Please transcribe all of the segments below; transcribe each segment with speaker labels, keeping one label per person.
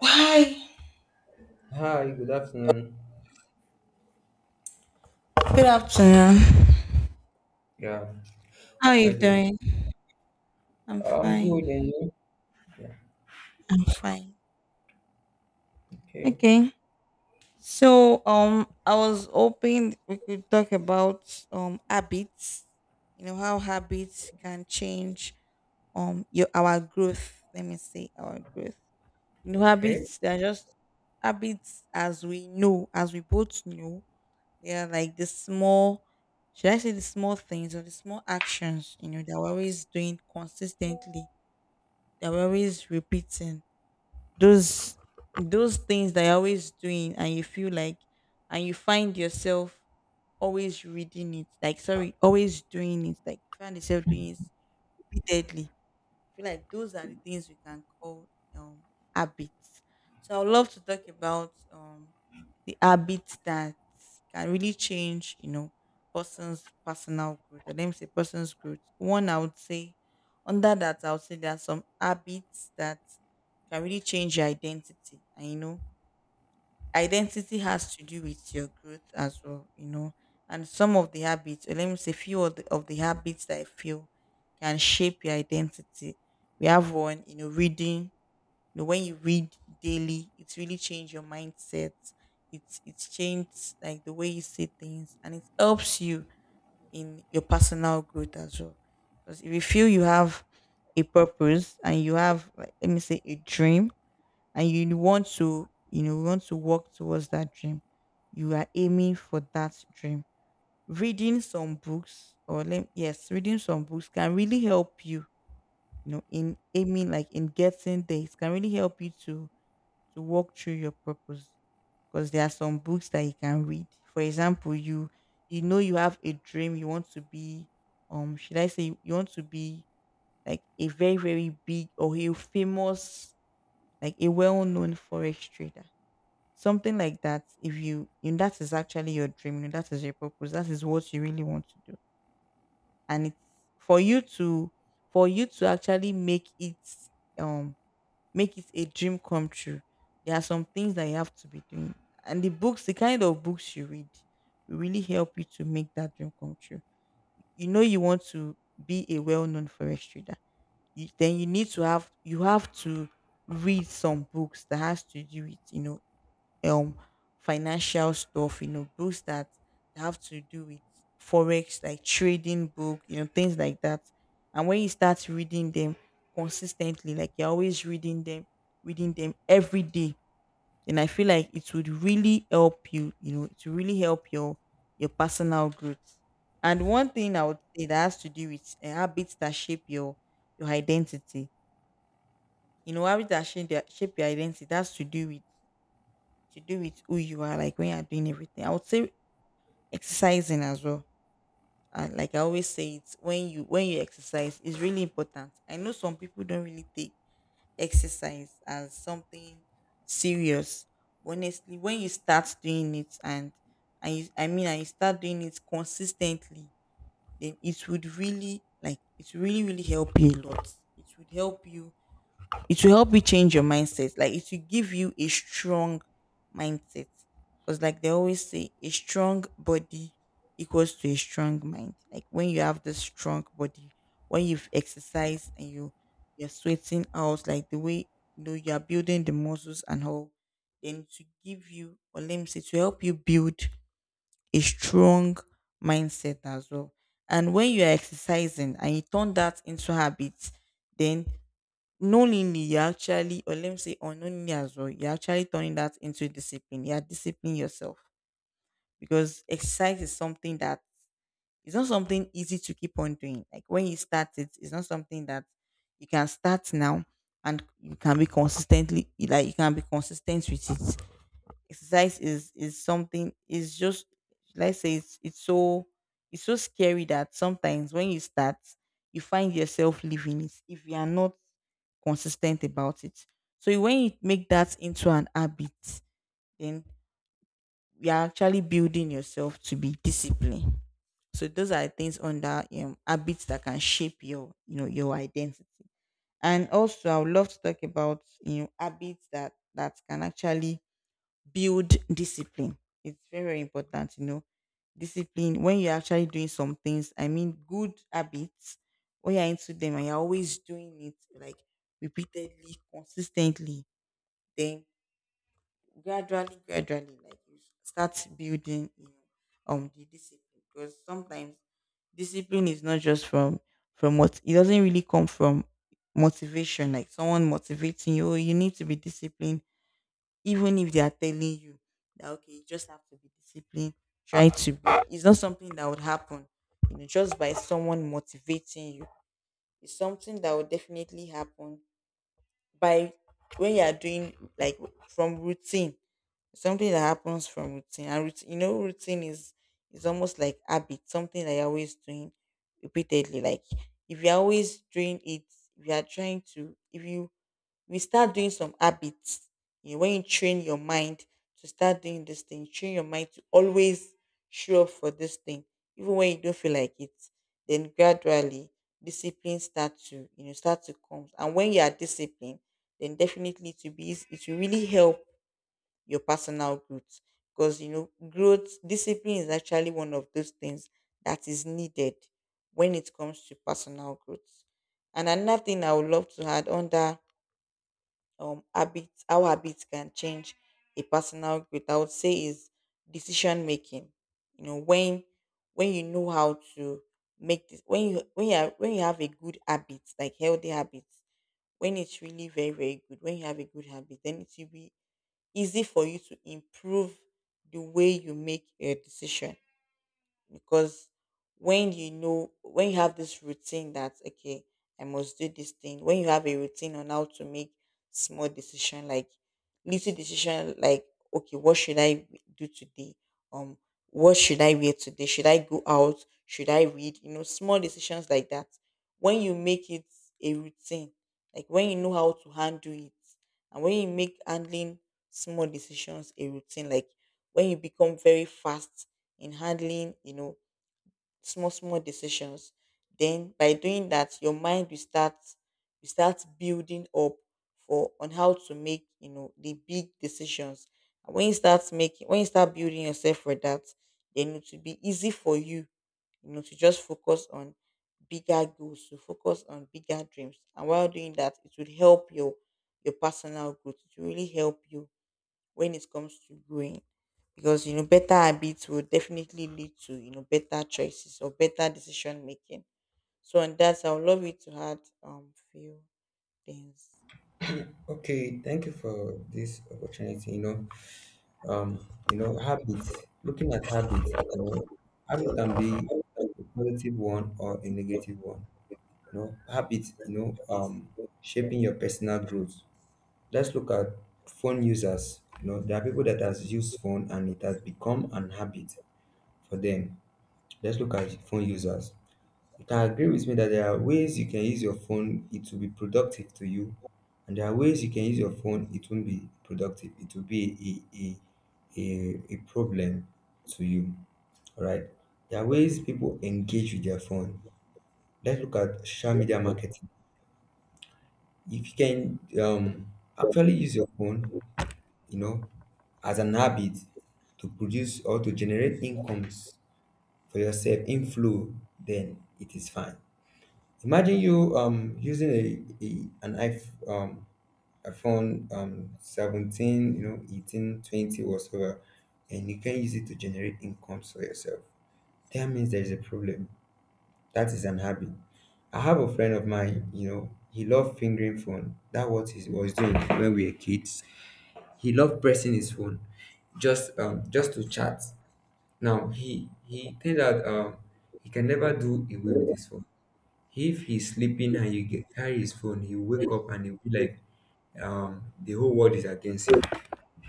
Speaker 1: Hi.
Speaker 2: Hi, good afternoon.
Speaker 1: Good afternoon.
Speaker 2: Yeah,
Speaker 1: How are
Speaker 2: how
Speaker 1: you
Speaker 2: you doing?
Speaker 1: doing? I'm
Speaker 2: I'm good,
Speaker 1: fine.
Speaker 2: and you? Yeah,
Speaker 1: I'm fine.
Speaker 2: okay,
Speaker 1: Okay. So I was hoping we could talk about habits, you know, how habits can change your our growth. Let me say our growth. You know,
Speaker 2: okay,
Speaker 1: habits they're just habits as we know, as we both know, they are like the small should I say the small things or the small actions, you know, that we're always doing consistently that we're always repeating those those things that you're always doing and you feel like and you find yourself always reading it like sorry always doing it like you find yourself doing it repeatedly. I feel like those are the things we can call um habits. So I would love to talk about the habits that can really change, you know, person's personal growth. Or let me say person's growth. One I would say under that I would say there are some habits that can really change your identity. And you know, identity has to do with your growth as well, you know. And some of the habits, or let me say, few of the habits that I feel can shape your identity. We have one, you know, reading. You know, when you read daily, it's really changed your mindset. It's changed like the way you see things, and it helps you in your personal growth as well. Because if you feel you have a purpose and you have, like, let me say, a dream and you want to you know want to work towards that dream you are aiming for that dream reading some books or let, yes reading some books can really help you you know in aiming like in getting there. It can really help you to walk through your purpose because there are some books that you can read. For example, you know you have a dream. You want to be should I say you want to be like a very very big or a famous like a well-known forex trader. Something like that, if you, you that is actually your dream, that is your purpose, that is what you really want to do. And it's for you to for you to actually um make it a dream come true. There are some things that you have to be doing. And the books, the kind of books you read will really help you to make that dream come true. You know you want to be a well-known forest trader. You, then you need to have you have to read some books that has to do with you know um financial stuff, you know, books that have to do with forex, like trading book, you know, things like that. And when you start reading them consistently, like you're always reading them every day, then I feel like it would really help you, you know, to really help your personal growth. And one thing I would say that has to do with habits that shape your identity. You know, habits that shape, their, shape your identity. That's to do with who you are, like when you are doing everything. I would say exercising as well. And like I always say, it's when you exercise is really important. I know some people don't really take exercise as something serious, but honestly, when you start doing it and and you start doing it consistently, then it would really like it really really help you a lot. It would help you it will help you change your mindset. Like it will give you a strong mindset. Because like they always say, a strong body equals to a strong mind. Like when you have this strong body, when you've exercised and you you're sweating out, like the way you know you're building the muscles and all, then to give you or let me say to help you build a strong mindset as well. And when you are exercising and you turn that into habits, then knowingly you actually or let me say unknowingly as well you're actually turning that into discipline. You're disciplining yourself because exercise is something that it's not something easy to keep on doing. Like when you start it it's not something that you can start now and you can be consistently like you can be consistent with it. Exercise is something is just let's say it's so scary that sometimes when you start you find yourself leaving it if you are not consistent about it. So when you make that into an habit then you are actually building yourself to be disciplined. So those are things under habits that can shape your you know your identity. And also I would love to talk about you know habits that can actually build discipline. It's very, very important, you know. Discipline when you're actually doing some things, I mean good habits, when you're into them and you're always doing it like repeatedly, consistently, then gradually, gradually, like you start building you know, the discipline. Because sometimes discipline is not just from what it doesn't really come from motivation, like someone motivating you, "Oh, you need to be disciplined. Even if they are telling you that okay, you just have to be disciplined, try to be. It's not something that would happen, you know, just by someone motivating you. It's something that would definitely happen by when you are doing like from routine. Something that happens from routine, and routine, you know, routine is almost like habit, something that you're always doing repeatedly. Like if you're always doing it, if you are trying to, if you we start doing some habits. You know, when you train your mind to start doing this thing, train your mind to always show up for this thing, even when you don't feel like it. Then gradually, discipline start to you know start to come. And when you are disciplined, then definitely to be eas- it will really help your personal growth because you know growth discipline is actually one of those things that is needed when it comes to personal growth. And another thing I would love to add on that habits how habits can change a personal growth I would say is decision making. You know when you know how to make this when you are, when you have a good habit like healthy habits when it's really very very good when you have a good habit then it will be easy for you to improve the way you make a decision because when you know when you have this routine that okay I must do this thing when you have a routine on how to make small decision like little decision like okay what should I do today um what should I wear today should I go out should I read you know small decisions like that when you make it a routine like when you know how to handle it and when you make handling small decisions a routine like when you become very fast in handling, you know, small, small decisions. Then by doing that, your mind will start building up for on how to make, you know, the big decisions. And when you start making when you start building yourself for that, then it will be easy for you, you know, to just focus on bigger goals, to focus on bigger dreams. And while doing that, it will help your personal growth. It will really help you when it comes to growing because you know better habits will definitely lead to you know better choices or better decision making. So on that I would love you to add few things.
Speaker 2: okay. Thank you for this opportunity. Habits. Looking at habits, habits can be a positive one or a negative one. Habits, shaping your personal growth. Let's look at phone users. There are people that has used phone and it has become an habit for them. Let's look at phone users. You can agree with me that there are ways you can use your phone, it will be productive to you, and there are ways you can use your phone, it won't be productive. It will be a problem to you. All right. There are ways people engage with their phone. Let's look at social media marketing. If you can actually use your phone, you know, as an habit to produce or to generate incomes for yourself, inflow, then it is fine. Imagine you using a an iPhone, iPhone 17, you know, 1820 20, whatsoever, and you can use it to generate income for yourself. That means there is a problem. That is an habit. I have a friend of mine, he loved fingering phone. That what he was doing when we were kids. He loved pressing his phone just to chat. Now he turned out he can never do away with his phone. If he's sleeping and you get, carry his phone, he'll wake up and he'll be like, the whole world is against him.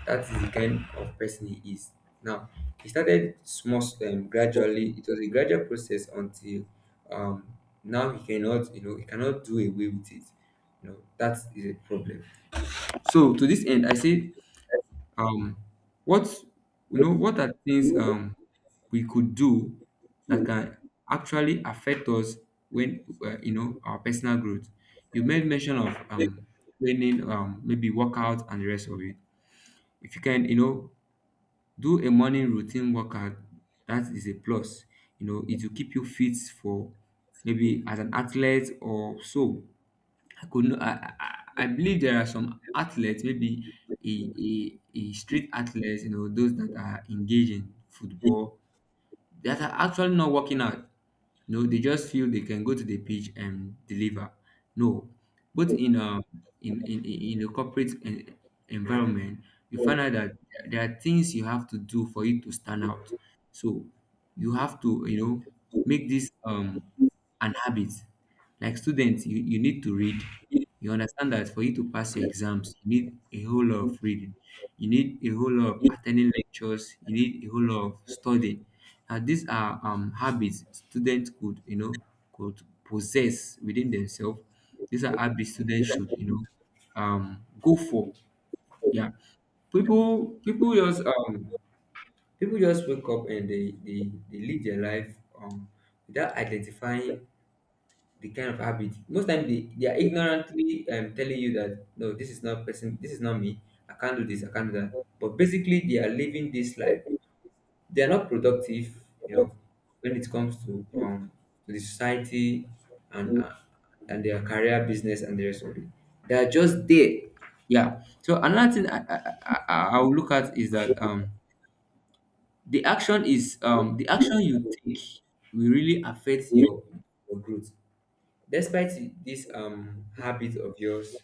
Speaker 2: That is the kind of person he is. Now, he started small, gradually. It was a gradual process until, um, now he cannot, you know, he cannot do away with it. You know, that is a problem. So, to this end, I say, um, what what are things we could do that can actually affect us when, our personal growth? You made mention of training, maybe workout and the rest of it. If you can do a morning routine workout, that is a plus. It will keep you fit for maybe as an athlete or so. I could not, I believe there are some athletes, maybe a street athletes, those that are engaged in football that are actually not working out. No, they just feel they can go to the pitch and deliver. No, but in a corporate environment, you find out that there are things you have to do for you to stand out. So you have to, make this an habit. Like students, you need to read. You understand that for you to pass your exams, you need a whole lot of reading. You need a whole lot of attending lectures. You need a whole lot of studying. Now these are habits students could, possess within themselves. These are habits students should, go for. Yeah, people people just um people just wake up and they live their life without identifying the kind of habit. Most time, they are ignorantly, telling you that, no, this is not person, this is not me, I can't do this, I can't do that. But basically they are living this life, they are not productive, you know, when it comes to the society, and uh, and their career, business and the rest of it. They are just there. Yeah, so another thing I will look at is that, the action you take will really affect your growth. Despite this habit of yours,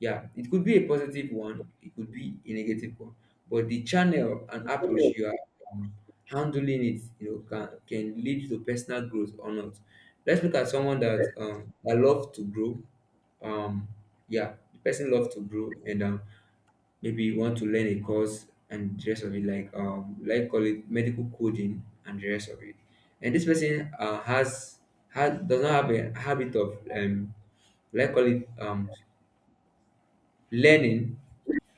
Speaker 2: yeah, it could be a positive one, it could be a negative one, but the channel and approach you are, um, handling it, can, lead to personal growth or not. Let's look at someone that, love to grow. um yeah, the person loves to grow, and maybe you want to learn a course and the rest of it, like, call it medical coding and the rest of it. And this person, has does not have a habit of, like call it learning,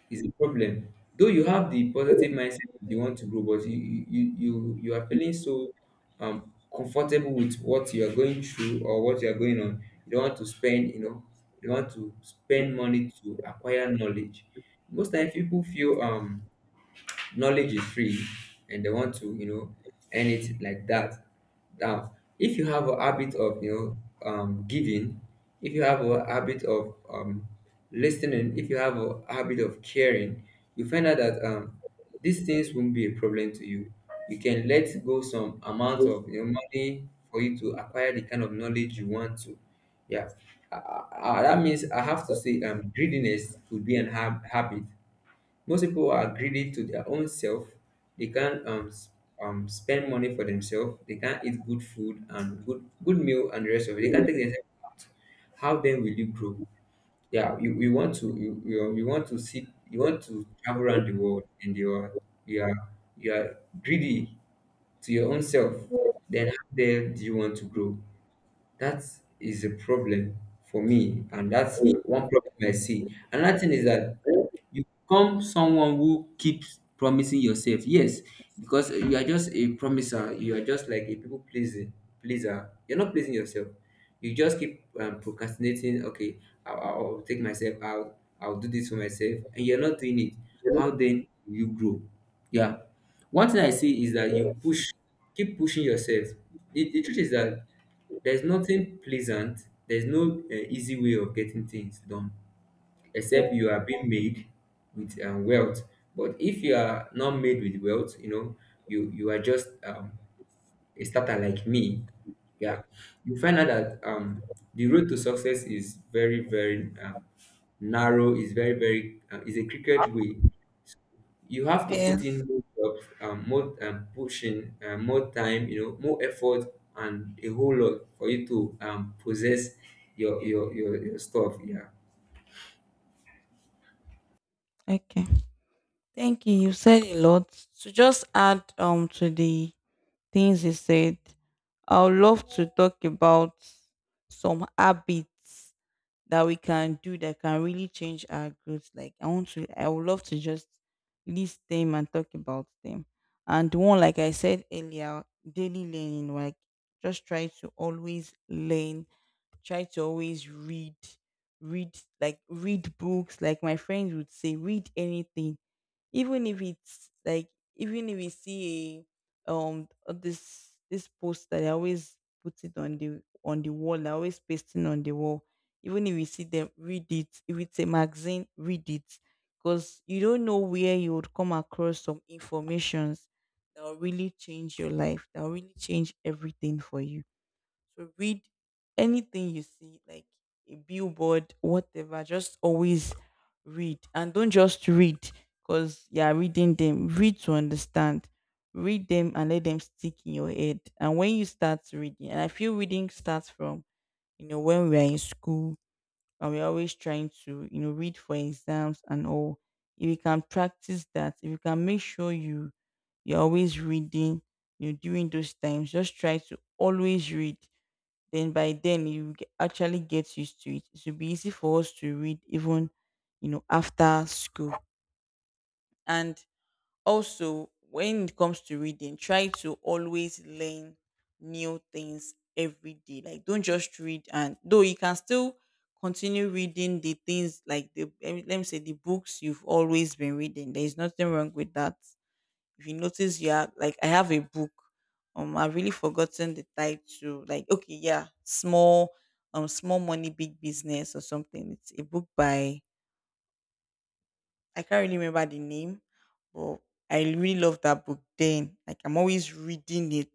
Speaker 2: is a problem. Though you have the positive mindset that you want to grow, but you are feeling so comfortable with what you are going through or what you are going on. You don't want to spend, you know, you don't want to spend money to acquire knowledge. Most times people feel knowledge is free, and they want to, earn it like that. Now if you have a habit of, giving, if you have a habit of, listening, if you have a habit of caring, you find out that these things won't be a problem to you. You can let go some amount of, money for you to acquire the kind of knowledge you want to. Yeah. That means I have to say, greediness could be an habit. Most people are greedy to their own self. They can't, spend money for themselves. They can't eat good food and good meal and the rest of it. They can't take themselves out. How then will you grow? Yeah, you want to see, you want to travel around the world, and you are you are greedy to your own self. Then how then do you want to grow? That is a problem for me, and that's one problem I see. Another thing is that you become someone who keeps promising yourself. Yes, because you are just a promiser. You are just like a people pleasing pleaser. You're not pleasing yourself. You just keep, procrastinating. Okay, I'll take myself out. I'll do this for myself, and you're not doing it. How then will you grow? Yeah. One thing I see is that keep pushing yourself. The truth is that there's nothing pleasant, there's no easy way of getting things done, except you are being made with, wealth. But if you are not made with wealth, you know, you are just, a starter like me. Yeah. You find out that, the road to success is very, very, narrow, is very, very, is a crooked way. You have to put
Speaker 1: Yes,
Speaker 2: in more jobs, more, pushing, more time, more effort, and a whole lot for you to, possess your stuff. Yeah.
Speaker 1: okay. Thank you. You said a lot. To just add to the things you said, I would love to talk about some habits that we can do that can really change our growth. Like I want to, I would love to just list them and talk about them. And one, like I said earlier, daily learning, like just try to always learn, try to always read, read like read books. Like my friends would say, read anything even if it's like even if we see a this post that I always put it on the wall, I always pasting on the wall. Even if you see them, read it. If it's a magazine, read it. Because you don't know where you would come across some informations that will really change your life, that will really change everything for you. So read anything you see, like a billboard, whatever. Just always read, and don't just read because you are reading them. Read to understand. Read them and let them stick in your head. And when you start reading, and I feel reading starts from when we are in school and we're always trying to read for exams and all. If you can practice that, if you can make sure you're always reading during those times, just try to always read, then by then you actually get used to it. It should be easy for us to read even, after school. And also, when it comes to reading, try to always learn new things every day. Like, don't just read, and though you can still continue reading the things like the let me say the books you've always been reading. There is nothing wrong with that if you notice, yeah, like I have a book, I've really forgotten the title, like okay, yeah, small, small money big business or something. It's a book by, I can't really remember the name, but I really love that book then, like I'm always reading it.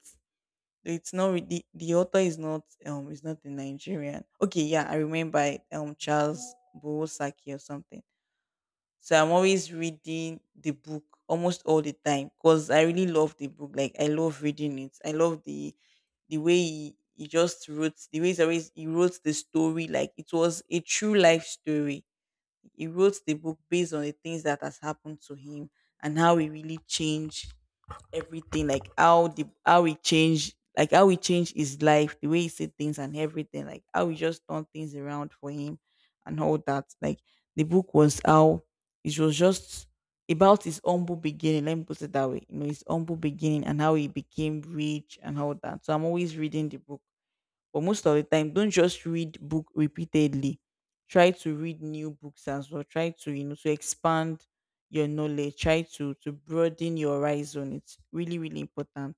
Speaker 1: Though it's not really the author is not, is not a Nigerian. Okay, yeah, I remember it, Charles Bowosaki or something. So I'm always reading the book almost all the time because I really love the book. Like I love reading it. I love the way he just wrote, the way he wrote the story like it was a true life story. He wrote the book based on the things that has happened to him and how he really changed everything, like how the how he changed, like how he changed his life, the way he said things and everything, like how he just turned things around for him and all that. Like the book was how it was just about his humble beginning. Let me put it that way. You know, his humble beginning and how he became rich and all that. So I'm always reading the book. But most of the time, don't just read book repeatedly. Try to read new books as well. Try to, you know, to expand your knowledge. Try to broaden your horizon. It's really, really important.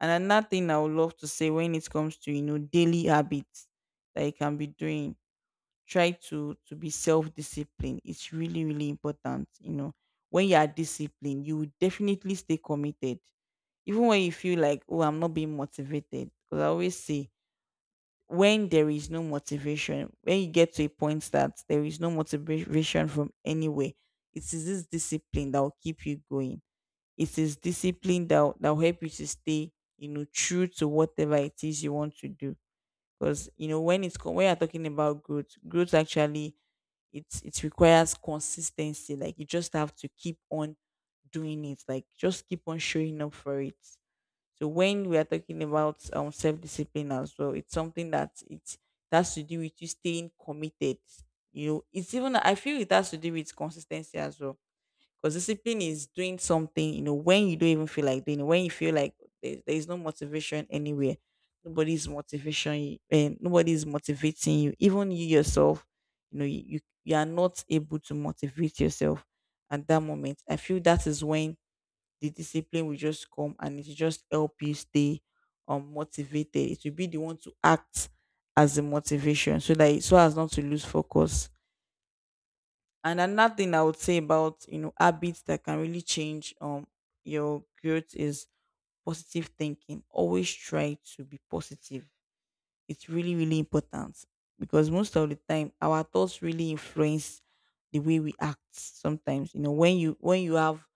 Speaker 1: And another thing I would love to say, when it comes to, you know, daily habits that you can be doing, try to be self disciplined. It's really, really important. You know, when you are disciplined, you will definitely stay committed, even when you feel like, oh, I'm not being motivated, because I always say, when there is no motivation, when you get to a point that there is no motivation from anywhere, it is this discipline that will keep you going. It is discipline that that will help you to stay, you know, true to whatever it is you want to do. Because you know, when when you're talking about growth, growth actually, it requires consistency. Like you just have to keep on doing it. Like just keep on showing up for it. So when we are talking about self discipline as well, it's something that it has to do with you staying committed. You know, it's, even I feel it has to do with consistency as well. Because discipline is doing something, you know, when you don't even feel like doing it, when you feel like there is no motivation anywhere, nobody's motivation, and nobody's motivating you, even you yourself, you know, you are not able to motivate yourself at that moment. I feel that is when the discipline will just come, and it will just help you stay motivated. It will be the one to act as a motivation, so that so as not to lose focus. And another thing I would say about, you know, habits that can really change your growth is positive thinking. Always try to be positive. It's really, really important, because most of the time our thoughts really influence the way we act sometimes. You know, when you have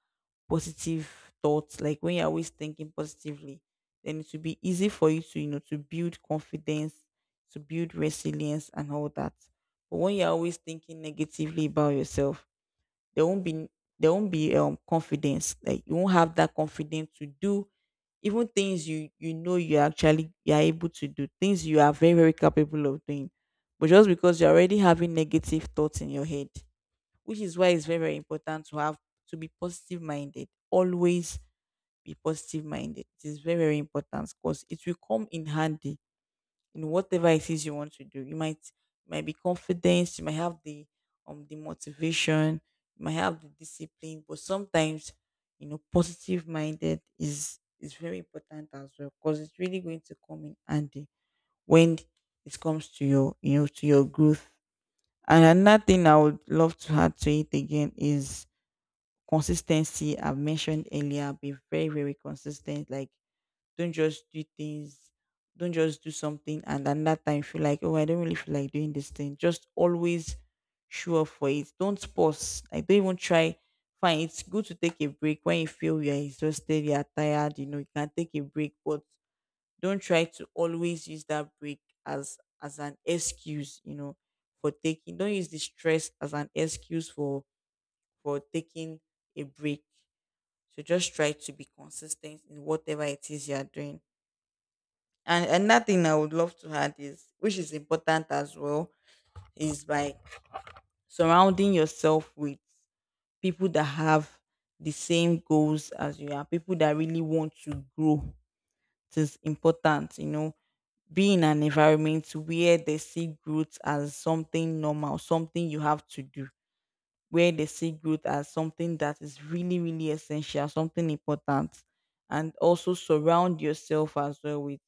Speaker 1: positive thoughts, like when you're always thinking positively, then it will be easy for you to, you know, to build confidence, to build resilience and all that. But when you're always thinking negatively about yourself, there won't be there won't be confidence. Like you won't have that confidence to do even things you are able to do, things you are very, very capable of doing. But just because you're already having negative thoughts in your head, which is why it's very, very important to have, to be positive minded always. Be positive minded, it is very, very important, because it will come in handy in whatever it is you want to do. You might, you might be confident, you might have the motivation, you might have the discipline, but sometimes, you know, positive minded is very important as well, because it's really going to come in handy when it comes to your, you know, to your growth. And another thing I would love to add to it again is consistency. I've mentioned earlier, be very, very consistent. Like, don't just do things, don't just do something and then that time feel like, oh, I don't really feel like doing this thing. Just always show up for it. Don't pause. Like don't even try. Fine, it's good to take a break when you feel you're exhausted, you're tired, you know, you can take a break, but don't try to always use that break as an excuse, you know, for taking, don't use the stress as an excuse for taking a break. So just try to be consistent in whatever it is you are doing. And another thing I would love to add is, which is important as well, is by surrounding yourself with people that have the same goals as you are, people that really want to grow. It is important, you know, be in an environment where they see growth as something normal, something you have to do, where they see growth as something that is really, really essential, something important. And also surround yourself as well with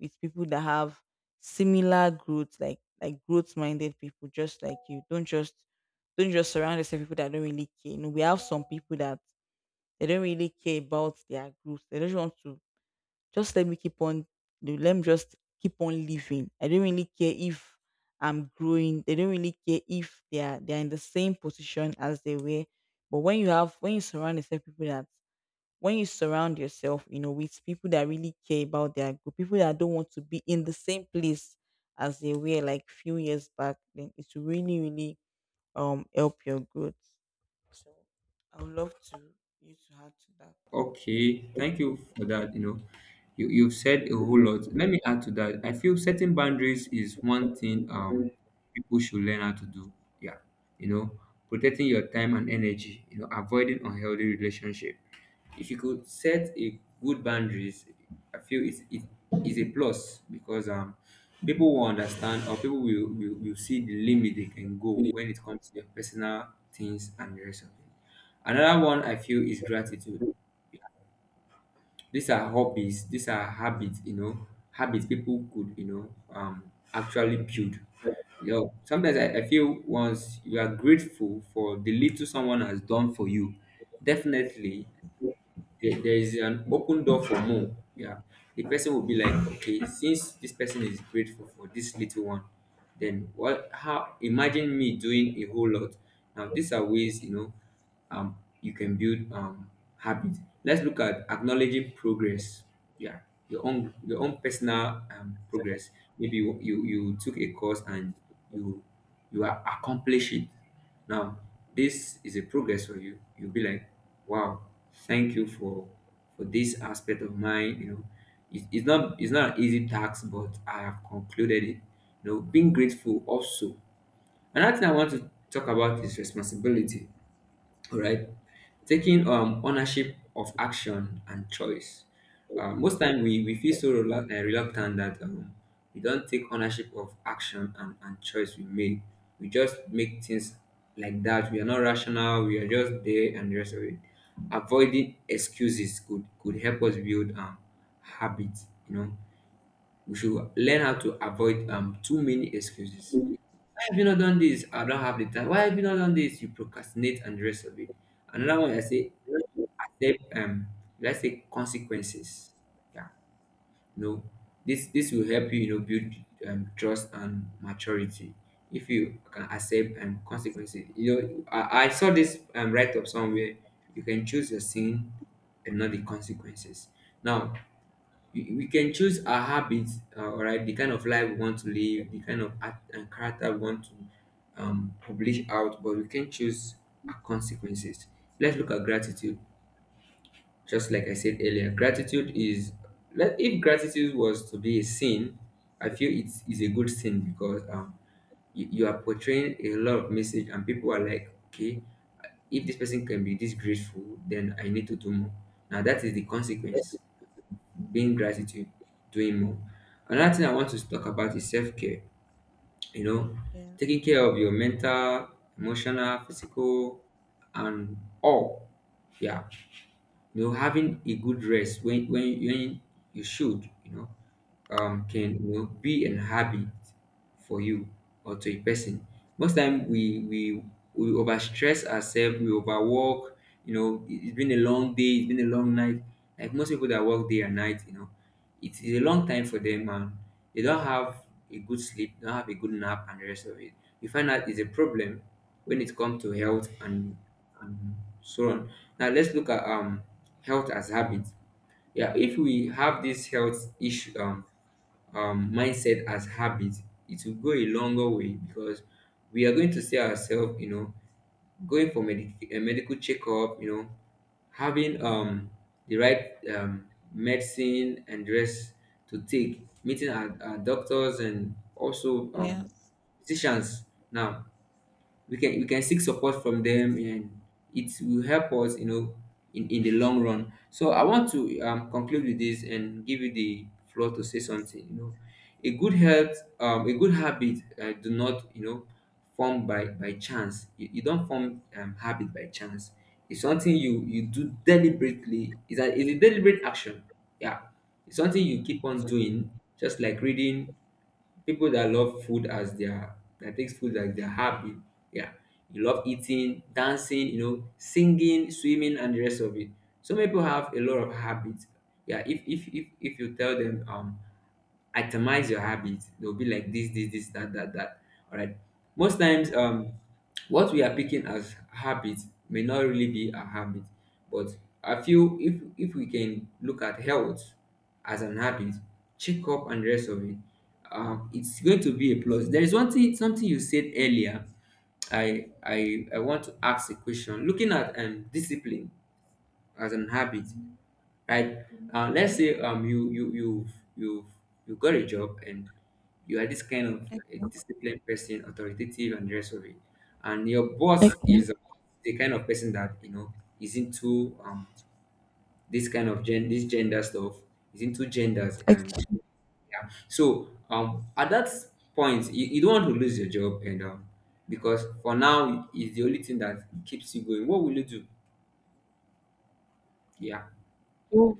Speaker 1: people that have similar growth, like growth minded people, just like you. Don't just, don't just surround yourself with people that don't really care. You know, we have some people that they don't really care about their growth. They just want to, just let me keep on, let me just keep on living. I don't really care if I'm growing. They don't really care if they are in the same position as they were. But when you have, when you surround yourself people that, when you surround yourself, you know, with people that really care about their group, people that don't want to be in the same place as they were like few years back, then it's really, really help your growth. So I would love to you to add to
Speaker 2: Okay, thank you for that. You've said a whole lot. Let me add to that. I feel setting boundaries is one thing people should learn how to do. Yeah, you know, protecting your time and energy. Avoiding unhealthy relationship. If you could set a good boundaries, I feel it is a plus because people will understand, or people will see the limit they can go
Speaker 1: that.
Speaker 2: when it comes to your personal things and the rest of it. Another one I feel is gratitude. These are hobbies, these are habits, habits people could, actually build. Sometimes I feel once you are grateful for the little someone has done for you, definitely there, there is an open door for more. Yeah. The person will be like, okay, since this person is grateful for this little one, then what how imagine me doing a whole lot. Now these are ways, you can build habits. Let's look at acknowledging progress. Yeah. Your own personal, progress. Maybe you, you you took a course, and you you are accomplishing. Now, this is a progress for you. You'll be like, wow, thank you for this aspect of mine. It's not an easy task, but I have concluded it. Being grateful also. Another thing I want to talk about is responsibility. All right, taking ownership of action and choice. Most time we feel so reluctant that, we don't take ownership of action and choice we make. We just make things like that. We are not rational. We are just there and the rest of it. Avoiding excuses could help us build habits. We should learn how to avoid too many excuses. Why have you not done this? I don't have the time. Why have you not done this? You procrastinate and the rest of it. Another one I say, accept, let's say, consequences. Yeah. You know, this will help you, you know, build trust and maturity if you can accept consequences. You know, I saw this write up somewhere. You can choose your sin and not the consequences. Now we can choose our habits, all right, the kind of life we want to live, the kind of act and character we want to publish out, but we can choose our consequences. Let's look at gratitude. Just like I said earlier, gratitude is, if gratitude was to be a sin, I feel it's a good sin because you are portraying a lot of message and people are like, okay, if this person can be this grateful, then I need to do more. Now that is the consequence being gratitude, doing more. Another thing I want to talk about is self care. You know,
Speaker 1: Yeah.
Speaker 2: taking care of your mental, emotional, physical, and all. Yeah, you know, having a good rest when you should, you know, can, you know, be an habit for you or to a person. Most time we overstress ourselves, we overwork. You know, it's been a long day, it's been a long night. Like most people that work day and night, you know, it's a long time for them, and they don't have a good sleep, don't have a good nap, and the rest of it. You find out it's a problem when it comes to health and so on. Now let's look at health as habit. Yeah, if we have this health issue mindset as habit, it will go a longer way because we are going to see ourselves, you know, going for medic a medical checkup, you know, having the right medicine and dress to take, meeting our doctors and also
Speaker 1: Yeah.
Speaker 2: physicians. Now we can seek support from them and it will help us, you know, in the long run. So I want to conclude with this and give you the floor to say something, you know. A good health, a good habit, do not, you know, form by chance. You don't form habit by chance. It's something you you do deliberately. It's a deliberate action. Yeah, it's something you keep on doing, just like reading. People that love food as their that takes food as their hobby. Yeah, you love eating, dancing, you know, singing, swimming, and the rest of it. So many people have a lot of habits. Yeah, if you tell them, itemize your habits, they'll be like this, that, that, that. All right. Most times, what we are picking as habits may not really be a habit, but I feel if we can look at health as an habit, check up and rest of it. It's going to be a plus. There is one thing, something you said earlier. I want to ask a question. Looking at discipline as an habit, right? Let's say, you you got a job and you are this kind of
Speaker 1: Okay.
Speaker 2: a disciplined person, authoritative and the rest of it, and your boss
Speaker 1: Okay.
Speaker 2: is the kind of person that, you know, is into this kind of gen this gender stuff, is into genders, and
Speaker 1: Okay.
Speaker 2: yeah. So, at that point, you don't want to lose your job, and, because for now it's the only thing that keeps you going. What will you do? Yeah.
Speaker 1: So,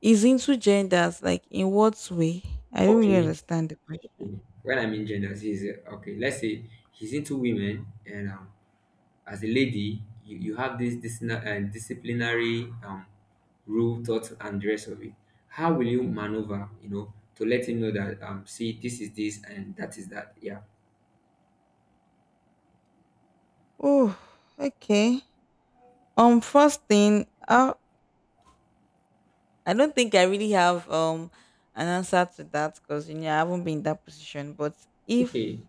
Speaker 1: is into genders like in what way? I don't really
Speaker 2: Okay.
Speaker 1: understand the question.
Speaker 2: Okay. When I mean genders, is, okay, let's say he's into women, and, as a lady, you have this disciplinary, rule, thought, and the rest of it. How will you maneuver? You know, to let him know that, see, this is this, and that is that. Yeah.
Speaker 1: Oh, okay. First thing, I don't think I really have an answer to that, because you know I haven't been in that position. But
Speaker 2: Okay.
Speaker 1: if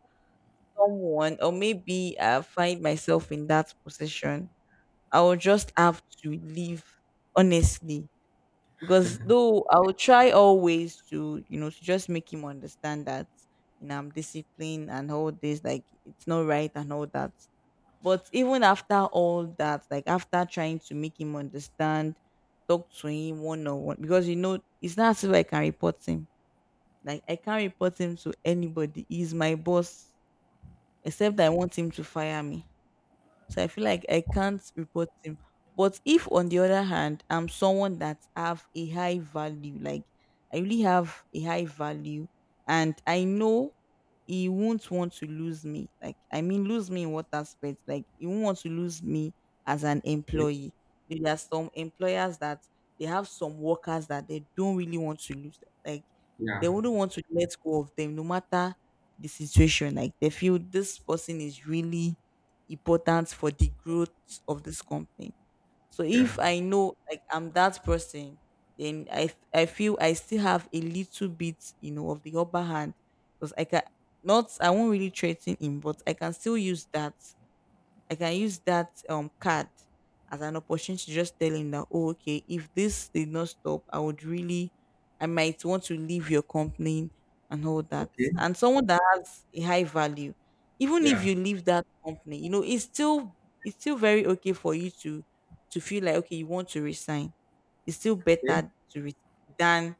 Speaker 1: someone, or maybe I find myself in that position, I will just have to leave, honestly, because though I will try always to, you know, to just make him understand that, you know, I'm disciplined and all this, like it's not right and all that. But even after all that, like after trying to make him understand, talk to him one on one, because you know, it's not as if I can report him. Like I can't report him to anybody. He's my boss, except I want him to fire me, so I feel like I can't report him. But if on the other hand, I'm someone that have a high value, like I really have a high value and I know he won't want to lose me. Like I mean lose me in what aspect? Like he won't want to lose me as an employee. There are some employers that they have some workers that they don't really want to lose. Like
Speaker 2: Yeah.
Speaker 1: they wouldn't want to let go of them no matter the situation. Like they feel this person is really important for the growth of this company. So
Speaker 2: Yeah.
Speaker 1: if I know like I'm that person, then I feel I still have a little bit, you know, of the upper hand, because I can, not I won't really threaten him, but I can still use that, I can use that card as an opportunity to just tell him that, oh okay, if this did not stop, I would really, I might want to leave your company and all that.
Speaker 2: Okay.
Speaker 1: And someone that has a high value, even if
Speaker 2: Yeah.
Speaker 1: you leave that company, you know it's still, it's still very okay for you to feel like, okay, you want to resign. It's still
Speaker 2: Okay,
Speaker 1: better to resign than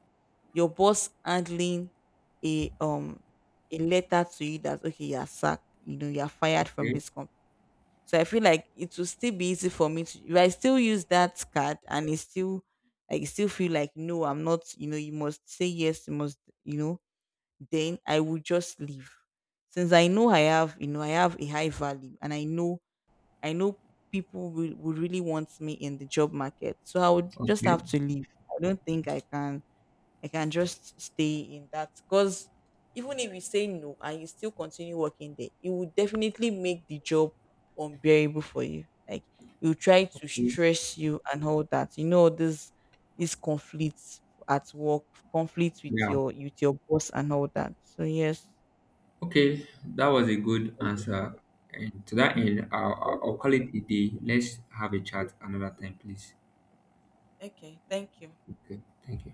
Speaker 1: your boss handling a um a letter to you that, okay, you're sacked, you know, you're fired from
Speaker 2: okay,
Speaker 1: this company. So I feel like it will still be easy for me to, if I still use that card and it still, I still feel like, no, I'm not, you know, you must say yes, you must, you know, then I will just leave. Since I know I have, you know, I have a high value and I know, I know people will really want me in the job market. So I would just
Speaker 2: okay.
Speaker 1: have to leave. I don't think I can, I can just stay in that, because even if you say no and you still continue working there, it will definitely make the job unbearable for you. Like you try to
Speaker 2: Cool.
Speaker 1: stress you and all that. You know this, this conflicts at work, conflicts with
Speaker 2: Yeah.
Speaker 1: your, with your boss and all that. So yes.
Speaker 2: Okay, that was a good answer. And to that end, I'll call it a day. Let's have a chat another time, please.
Speaker 1: Okay, thank you.
Speaker 2: Okay, thank you.